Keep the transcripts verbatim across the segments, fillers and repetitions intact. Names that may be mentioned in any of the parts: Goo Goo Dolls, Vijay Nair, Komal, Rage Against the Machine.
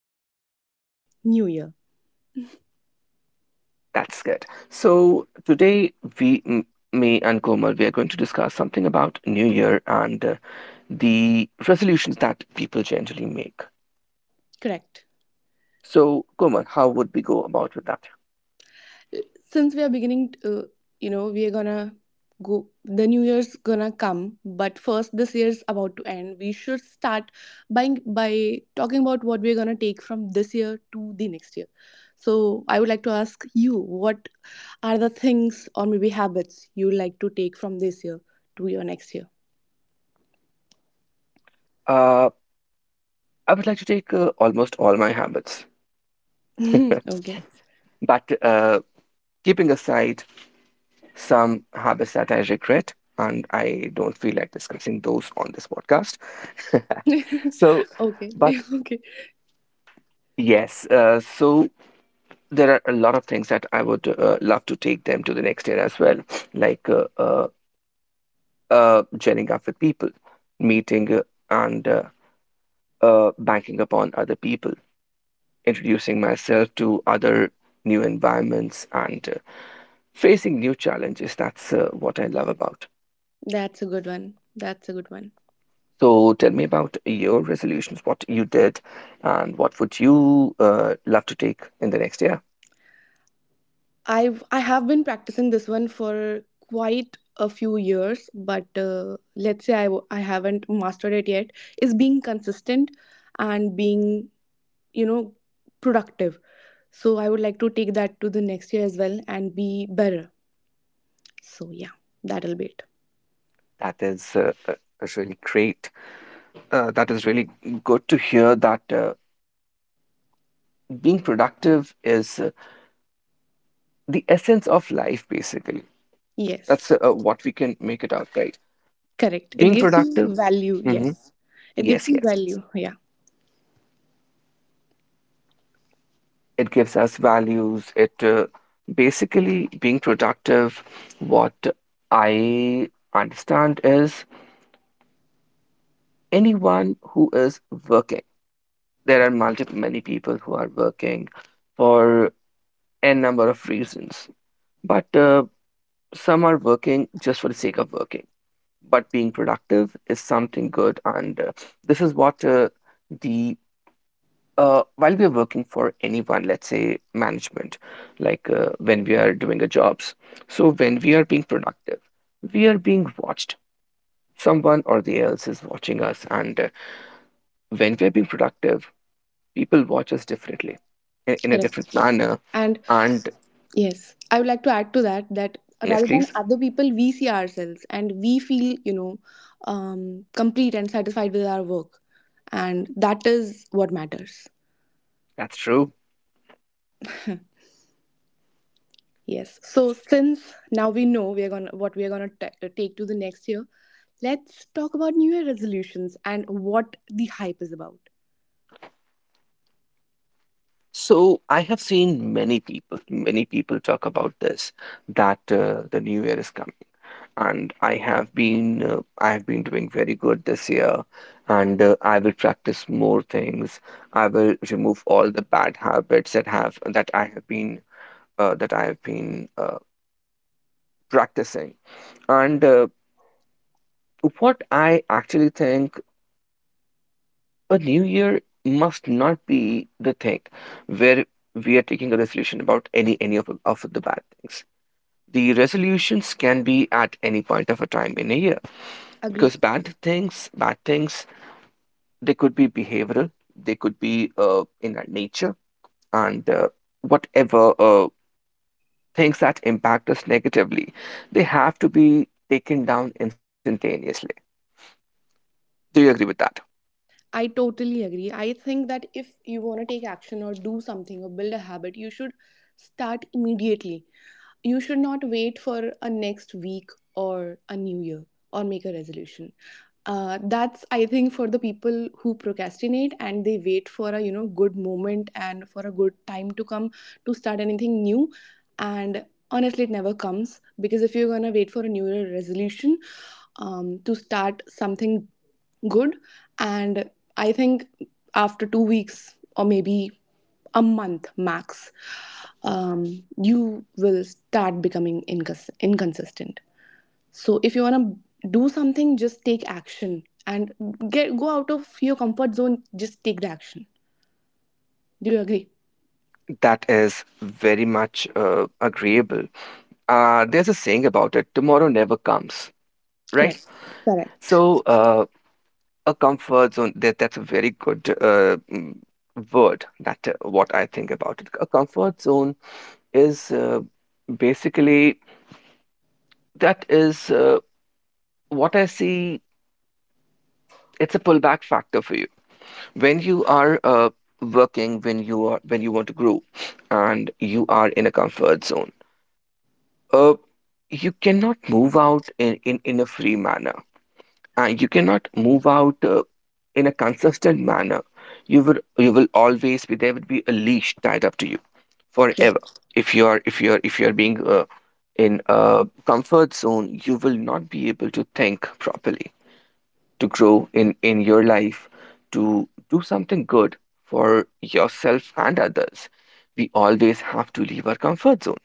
discussing about New Year. that's good. So today we, m- me and Komal, we are going to discuss something about New Year and uh, the resolutions that people generally make. Correct. So Komal, how would we go about with that? Since we are beginning uh, you know, we are going to go the New Year's going to come, but first this year's about to end. We should start by by talking about what we're going to take from this year to the next year. So I would like to ask you what are the things or maybe habits you like to take from this year to your next year? Uh, I would like to take uh, almost all my habits, Okay. but uh, keeping aside some habits that I regret, and I don't feel like discussing those on this podcast. So, Okay. but Okay. yes, uh, so there are a lot of things that I would uh, love to take them to the next year as well, like uh, uh, uh, gelling up with people, meeting uh, and uh, uh, banking upon other people, introducing myself to other new environments, and uh, facing new challenges. That's uh, what I love about. That's a good one. That's a good one. So tell me about your resolutions, what you did, and what would you uh, love to take in the next year? I've I have been practicing this one for quite a few years, but uh, let's say I w- I haven't mastered it yet. Is being consistent and being you know productive. So I would like to take that to the next year as well and be better. So yeah, that'll be it. That is uh, uh, really great. Uh, that is really good to hear that uh, being productive is uh, the essence of life, basically. Yes, That's uh, uh, what we can make it out, right? correct. It Being gives productive. you value. Hmm. Yes, it gives Yes, you yes, yes. value. Yeah, It gives us values, it uh, basically being productive, what I understand is anyone who is working, there are multiple many people who are working for n number of reasons, but uh, some are working just for the sake of working. But being productive is something good, and uh, this is what uh, the uh, while we are working for anyone, let's say management, like uh, when we are doing a jobs, so when we are being productive, we are being watched. Someone or the else is watching us, and uh, when we are being productive, people watch us differently, i- in a different correct. manner. And And yes, I would like to add to that that yes, rather than please, other people, we see ourselves and we feel, you know, um, complete and satisfied with our work. And that is what matters. that's true. Yes. So since now we know we are gonna what we are gonna ta take to the next year, let's talk about New Year resolutions and what the hype is about. So I have seen many people, many people talk about this, that uh, the new year is coming, and I have been uh, I have been doing very good this year, and uh, I will practice more things. I will remove all the bad habits that have that I have been uh, that I have been uh, practicing. And uh, what I actually think, a new year must not be the thing where we are taking a resolution about any any of, of the bad things. The resolutions can be at any point of a time in a year, Agree. because bad things, bad things they could be behavioral, they could be uh, in our nature, and uh, whatever uh, things that impact us negatively, they have to be taken down instantaneously. Do you agree with that? I totally agree. I think that if you want to take action or do something or build a habit, you should start immediately. You should not wait for a next week or a new year or make a resolution. Uh, that's I think for the people who procrastinate and they wait for a you know good moment and for a good time to come to start anything new. And honestly, it never comes. Because if you're gonna wait for a new year resolution um, to start something good, and I think after two weeks or maybe a month max, um, you will start becoming incons- inconsistent. So if you want to do something, just take action and get go out of your comfort zone. Just take the action. Do you agree? That is very much uh, agreeable. Uh, there's a saying about it, tomorrow never comes, right? Correct. Correct. So, uh, a comfort zone, that, that's a very good uh, mm, word that uh, what I think about it. A comfort zone is uh, basically, that is uh, what I see, it's a pullback factor for you when you are uh, working, when you are when you want to grow, and you are in a comfort zone. Uh, you cannot move out in in in a free manner, and you cannot move out uh, in a consistent manner. You will you will always be there. Would be a leash tied up to you forever. Correct. If you are if you are if you are being uh, in a comfort zone, you will not be able to think properly, to grow in in your life, to do something good for yourself and others. We always have to leave our comfort zone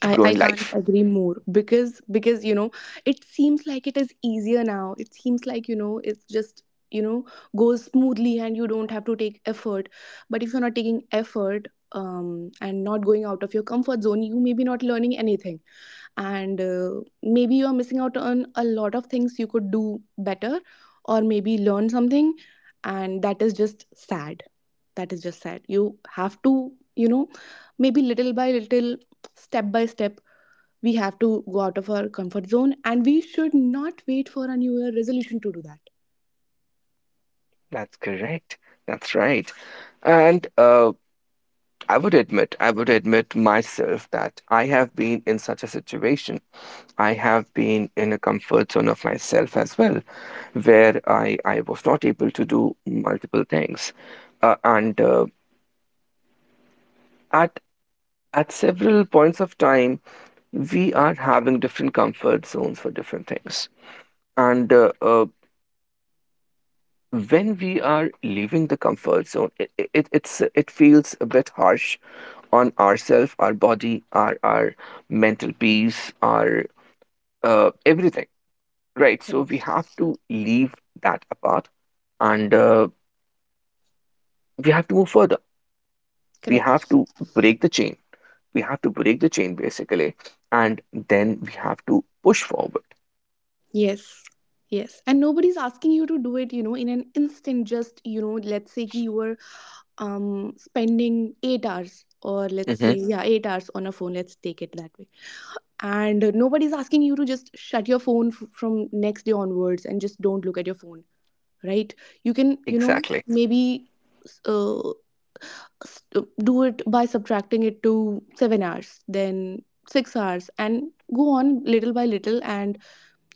to I, grow I in can't life. agree more. Because because you know, it seems like it is easier now. It seems like, you know, it's just, you know, goes smoothly and you don't have to take effort. But if you're not taking effort, um and not going out of your comfort zone, you may be not learning anything. And uh, maybe you're missing out on a lot of things you could do better or maybe learn something. And that is just sad. That is just sad. You have to, you know, maybe little by little, step by step, we have to go out of our comfort zone and we should not wait for a new year resolution to do that. That's correct, that's right. And uh, i would admit i would admit myself that I have been in such a situation. I have been in a comfort zone of myself as well, where I, I was not able to do multiple things. Uh, and uh, at at several points of time, we are having different comfort zones for different things. And uh, uh, when we are leaving the comfort zone, it, it it's it feels a bit harsh on ourself, our body, our our mental peace, our uh, everything, right? So we Correct. have to leave that apart, and uh, we have to move further. We have Correct. to break the chain, we have to break the chain basically, and then we have to push forward. Yes. Yes, and nobody's asking you to do it, you know, in an instant. Just, you know, let's say ki you were um spending eight hours, or let's Hmm. say yeah, eight hours on a phone. Let's take it that way. And uh, nobody's asking you to just shut your phone f- from next day onwards and just don't look at your phone, right? You can, you know, Exactly. maybe uh, s- do it by subtracting it to seven hours, then six hours, and go on little by little, and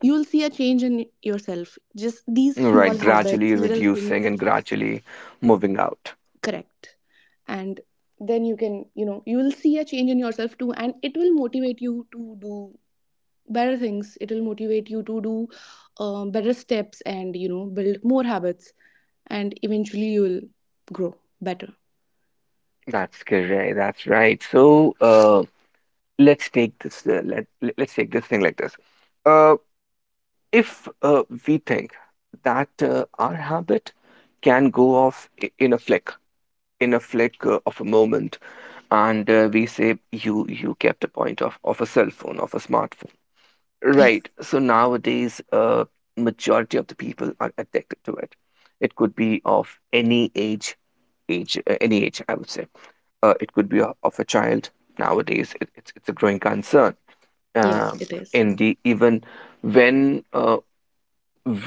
you'll see a change in yourself. Just these Right, small habits, gradually little reducing things. and gradually moving out. Correct. And then you can, you know, you will see a change in yourself too, and it will motivate you to do better things. It will motivate you to do uh, better steps, and you know, build more habits, and eventually you will grow better. That's correct. That's right. So uh, let's take this. Uh, let let- let's take this thing like this. Uh, if uh, we think that uh, our habit can go off i- in a flick, in a flick uh, of a moment, and uh, we say, you you kept a point of of a cell phone, of a smartphone. Yeah. Right. So nowadays, uh, majority of the people are addicted to it. It could be of any age age, uh, any age, I would say. Uh, it could be o- of a child nowadays. It, it's it's a growing concern. Yes, Um, it is. in the even when uh,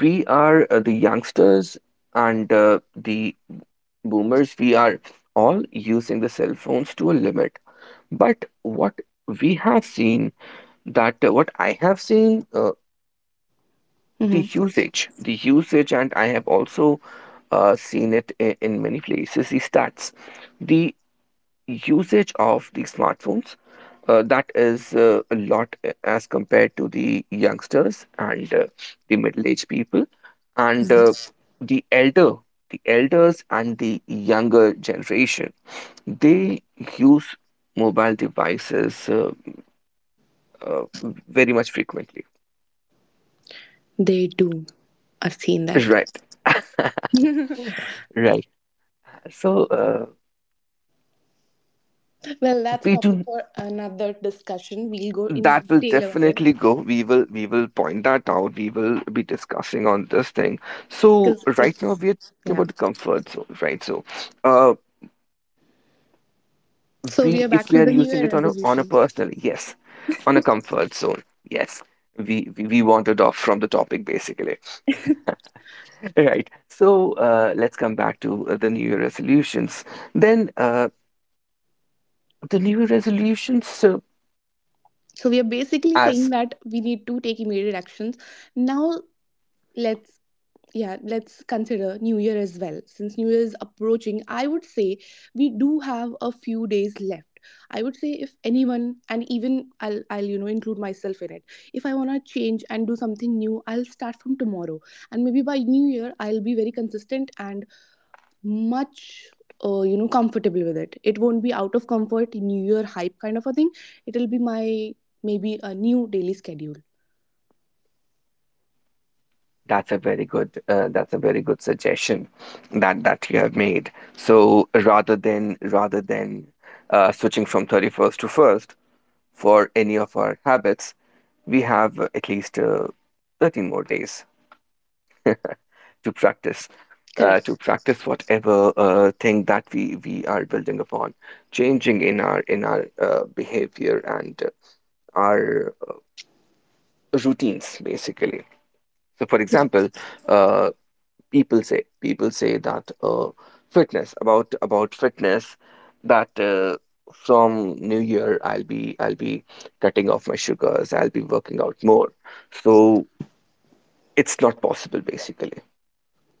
we are uh, the youngsters and uh, the boomers, we are all using the cell phones to a limit. But what we have seen, that uh, what I have seen uh, the Mhm. usage, the usage, and I have also uh, seen it in, in many places. The stats, the usage of the smartphones uh, that is uh, a lot uh, as compared to the youngsters and uh, the middle-aged people, and uh, the elder the elders and the younger generation, they use mobile devices uh, uh, very much frequently. They do. I've seen that. Right, right. So uh, Well, that's a we topic do. for another discussion. We'll go in That will detail about it. definitely go. We will we will point that out. We will be discussing on this thing. So Because right now it's, we are talking about yeah. the comfort zone, right? So uh So we we, are if back we to are the New using Year it on a on a resolutions. personal, yes. On a comfort zone, yes. We we, we wandered off from the topic, basically. Right. So uh let's come back to uh, the new year resolutions. Then uh the new year resolutions uh, So we are basically saying as. that we need to take immediate actions. Now, let's, yeah, let's consider new year as well. Since new year is approaching, I would say we do have a few days left. I would say if anyone, and even i'll i'll you know include myself in it, if I want to change and do something new, I'll start from tomorrow, and maybe by new year I'll be very consistent and much, uh, you know, comfortable with it. It won't be out of comfort new year hype kind of a thing. It'll be my, maybe a new daily schedule. That's a very good uh, that's a very good suggestion that that you have made. So rather than rather than uh, switching from thirty-first to first for any of our habits, we have uh, at least uh, thirteen more days to practice, uh, to Correct. practice whatever uh, thing that we we are building upon, changing in our in our uh, behavior, and uh, our routines, basically. So for example, Correct. uh, people say people say that uh, fitness, about about fitness, that uh, from new year i'll be i'll be cutting off my sugars, I'll be working out more. So it's not possible, basically,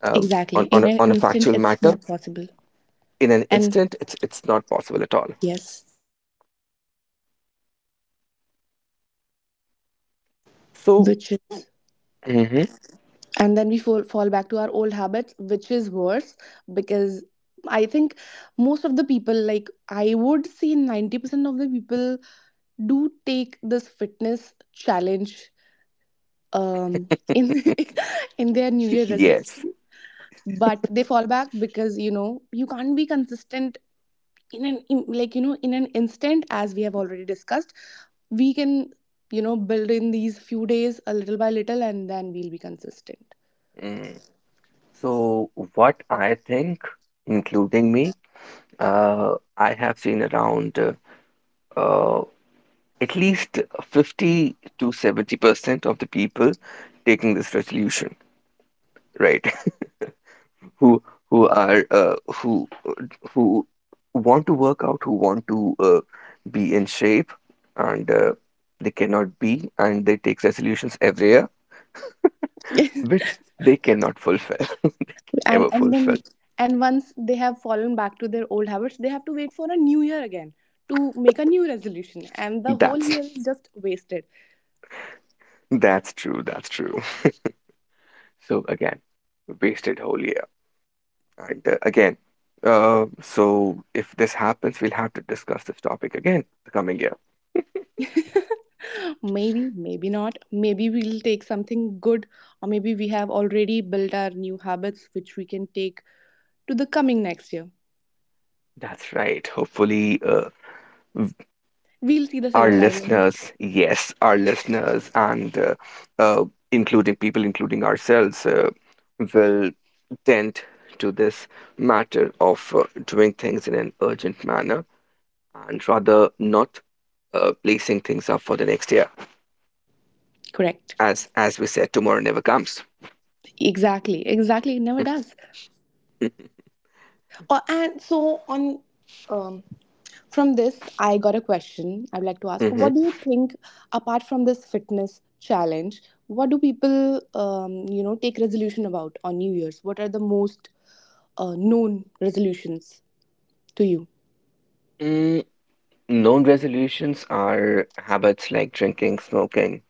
um, Exactly. on on In a, an on a instant factual it's matter. not possible. In an And instant, it's it's not possible at all. yes. So Which is hmm And then we fall, fall back to our old habits, which is worse, because I think most of the people, like I would say, ninety percent of the people do take this fitness challenge um in in their new year yes. resolution. But they fall back because you know you can't be consistent in an in, like you know in an instant, as we have already discussed. We can you know build in these few days a little by little, and then we'll be consistent. Mm. So what I think, including me, uh, I have seen around, uh, at least fifty to seventy percent of the people taking this resolution, right? who who are uh, who who want to work out, who want to uh, be in shape, and uh, they cannot be, and they take resolutions every year, which they cannot fulfill. and Never and fulfill. then and once they have fallen back to their old habits, they have to wait for a new year again to make a new resolution, and the whole that's year is just wasted. that's true that's true. So again, wasted whole year. And uh, again, uh, so if this happens, we'll have to discuss this topic again the coming year. Maybe, maybe not. Maybe we'll take something good, or maybe we have already built our new habits, which we can take to the coming next year. That's right. Hopefully, uh, We'll see the our silver lining. listeners, yes, our listeners, and uh, uh, including people, including ourselves, uh, will tend to this matter of uh, doing things in an urgent manner, and rather not uh, placing things up for the next year. Correct. As as we said, tomorrow never comes. Exactly, exactly, it never does. Uh, and so on. um, from this I got a question. I'd like to ask, what do you think, apart from this fitness challenge, what do people um, you know take resolution about on new year's? What are the most uh, known resolutions to you? Mhm. Known resolutions are habits like drinking, smoking.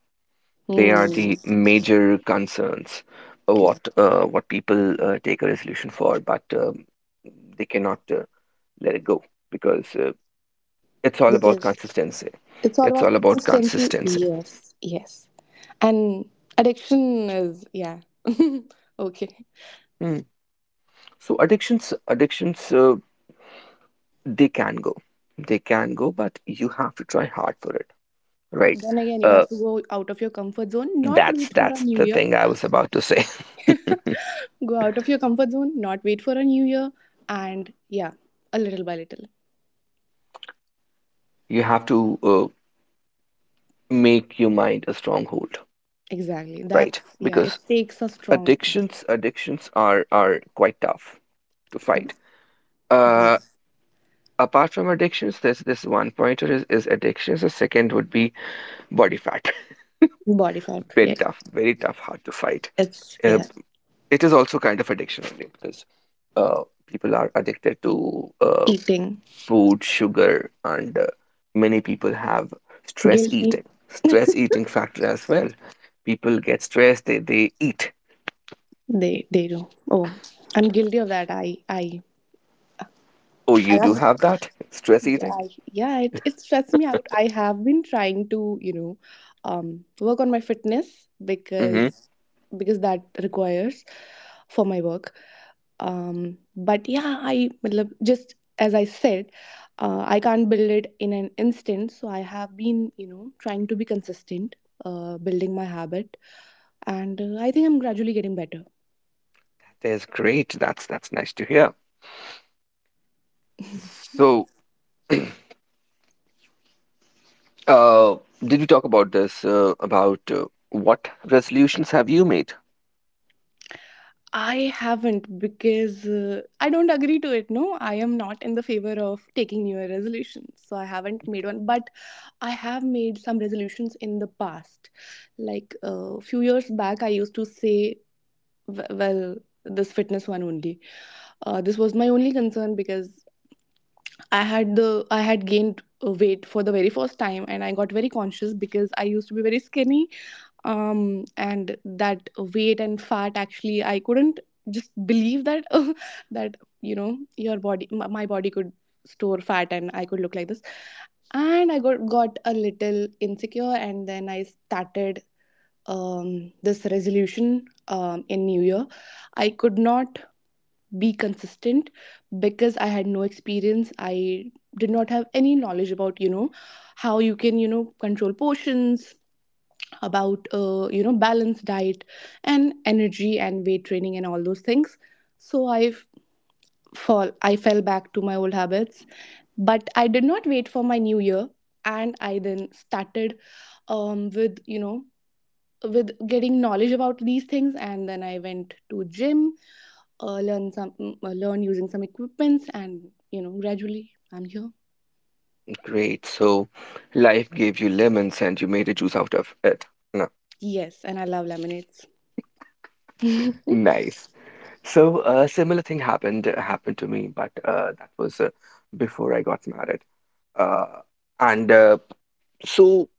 They are Hmm. the major concerns, uh, Good. what uh, what people uh, take a resolution for, but um, they cannot uh, let it go, because uh, it's all about Because consistency. it's all It's about all about consistency. consistency. Yes, yes. And addiction is, yeah. Okay. Mm. So addictions, addictions, uh, they can go, they can go, but you have to try hard for it, right? Then again, you Uh, have to go out of your comfort zone, not that's wait for a that's new the year. thing I was about to say. Go out of your comfort zone, not wait for a new year, and yeah, a little by little. You have to uh, make your mind a stronghold, Exactly. right? That's, yeah, Because it takes a strong, addictions addictions are are quite tough to fight. uh yeah. Apart from addictions, there's this one pointer, is, is addictions the second would be body fat. Body fat. Very Yeah. tough, very tough, hard to fight. It's, uh, yeah, it is also kind of addiction only, because uh, people are addicted to uh, eating. food, sugar, and uh, many people have stress eating stress eating factor as well. People get stressed, they, they eat. They, they do. Oh, I'm guilty of that. I, I Oh, you do have that stress eating. Yeah, it, it stressed me out. I have been trying to, you know um, work on my fitness, Mm-hmm. because because that requires for my work. Um, but yeah, I matlab, just as I said, uh, I can't build it in an instant, so I have been you know trying to be consistent, uh, building my habit. And uh, I think I'm gradually getting better. That's great. That's that's nice to hear. So, uh, did we talk about this? Uh, about uh, what resolutions have you made? I haven't, because uh, I don't agree to it. No, I am not in the favor of taking New Year resolutions. So I haven't made one, but I have made some resolutions in the past. Like a few years back, I used to say, w- well, this fitness one only. Uh, this was my only concern, because I had the I had gained uh, weight for the very first time, and I got very conscious because I used to be very skinny, um and that weight and fat, actually I couldn't just believe that that you know your body, my my body, could store fat and I could look like this. And I got got a little insecure, and then I started um this resolution um in new year. I could not be consistent because I had no experience. I did not have any knowledge about you know how you can you know control portions, about uh, you know balanced diet and energy and weight training and all those things. So I f- fall I fell back to my old habits, but I did not wait for my new year, and I then started um, with you know with getting knowledge about these things. And then I went to gym, uh, learn some mm, uh, learn using some equipments. And you know gradually I'm here. Great. So, life gave you lemons, and you made a juice out of it. No. Yes, and I love laminates. Nice. So, a similar thing happened happened to me, but uh, that was uh, before I got married. Uh, and uh, so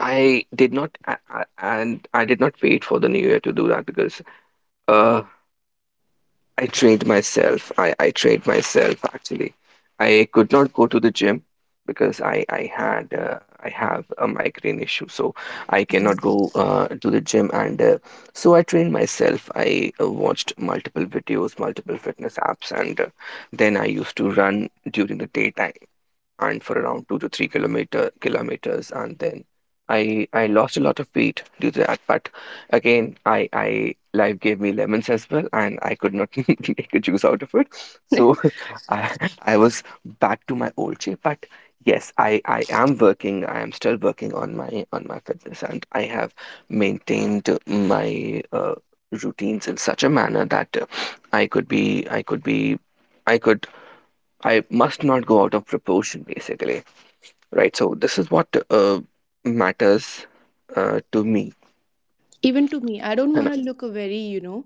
I did not, a- a- and I did not wait for the new year to do that because uh, I trained myself. I, I trained myself actually. I could not go to the gym because I I had uh, I have a migraine issue, so I cannot go Mm. uh, to the gym. And uh, so I trained myself. I uh, watched multiple videos, multiple fitness apps, and uh, then I used to run during the daytime and for around two to three kilometer kilometers. And then I I lost a lot of weight due to that, but again, I I life gave me lemons as well, and I could not make a juice out of it. So I I was back to my old shape. But yes, I I am working, I am still working on my on my fitness, and I have maintained my uh, routines in such a manner that uh, I could be, I could be I could I must not go out of proportion, basically, right? So this is what uh, matters uh, to me. Even to me, I don't want And to look very, you know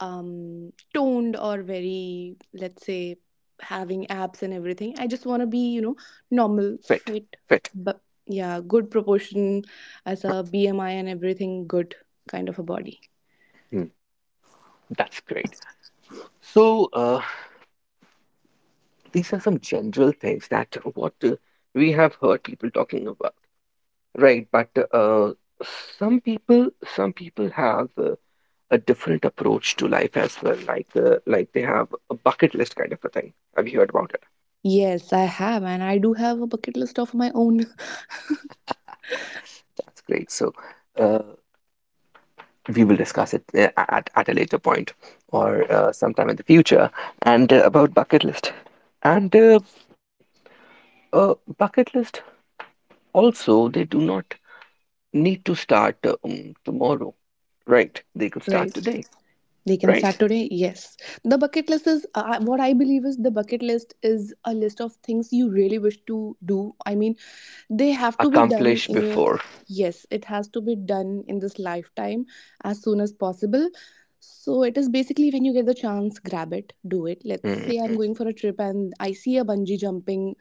um, toned, or very, let's say, having abs and everything. I just want to be, you know, normal, fit, fit, fit. but yeah, good proportion as a B M I and everything, good kind of a body. Hmm. That's great. So uh, these are some general things that what uh, we have heard people talking about, right? But uh, some people, some people have uh, a different approach to life as well. Like, uh, like they have a bucket list kind of a thing. Have you heard about it? Yes, I have, and I do have a bucket list of my own. That's great. So uh, we will discuss it uh, at, at a later point or uh, sometime in the future, and uh, about bucket list, and uh, uh, bucket list also, they do not need to start uh, um, tomorrow, right? They could start Right. today. They can Right. start today. Yes, the bucket list is, uh, what I believe is, the bucket list is a list of things you really wish to do. I mean, they have to be done Accomplish in your, before. yes, it has to be done in this lifetime as soon as possible. So it is basically, when you get the chance, grab it, do it. Let's Mm, say I'm mm. going for a trip and I see a bungee jumping,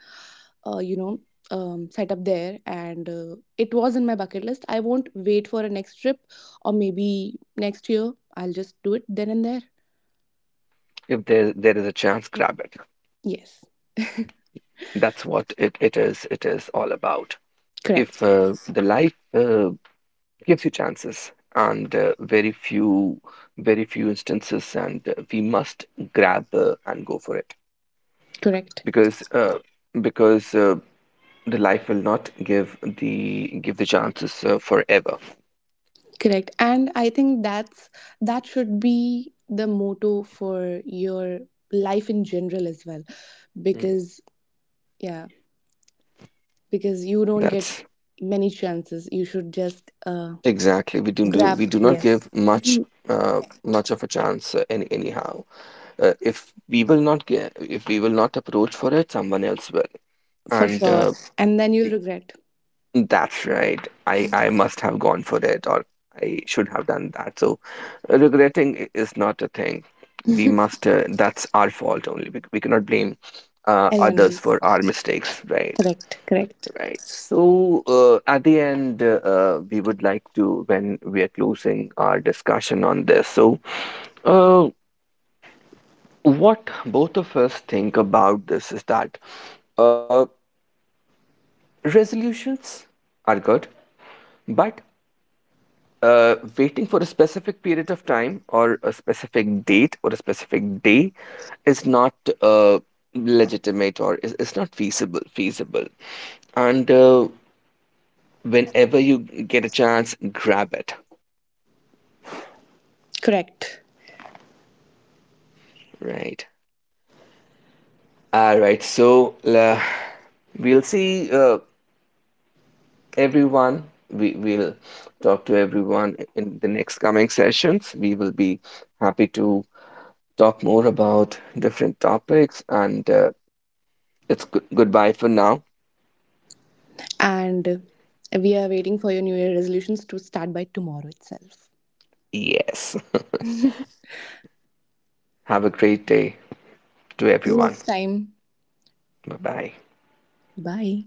uh, you know um, set up there, and uh, it was in my bucket list. I won't wait for a next trip, or maybe next year, I'll just do it then and there. If there there is a chance, grab it. Yes. That's what it, it is it is all about. If Correct, uh, the life uh, gives you chances, and uh, very few very few instances, and uh, we must grab uh, and go for it. correct, Because uh, because uh, the life will not give the give the chances uh, forever. correct. And I think that's that should be the motto for your life in general as well, Mm, because yeah because you don't get that's many chances. You should just uh, exactly, we do, do grab. we do not Yes. give much You- uh, much of a chance uh, any, anyhow. Uh, if we will not get if we will not approach for it, someone else will. for And sure. Uh, and then you'll regret That's right. I, I must have gone for it, or I should have done that. So, uh, regretting i- is not a thing. We must, uh, that's our fault only. We, we cannot blame uh, anyone others else. for our mistakes, right? Correct, correct, Right. So, uh, at the end, uh, uh, we would like to, when we are closing our discussion on this, so uh, what both of us think about this is that uh, resolutions are good, but uh, waiting for a specific period of time or a specific date or a specific day is not uh, legitimate, or is, is not feasible feasible, and uh, whenever you get a chance, grab it. correct. Right. All right. So uh, we'll see uh, everyone, we will talk to everyone in the next coming sessions. We will be happy to talk more about different topics, and uh, it's good, goodbye for now. And we are waiting for your New Year resolutions to start by tomorrow itself. Yes. Have a great day to See you everyone. next time. Bye bye. Bye.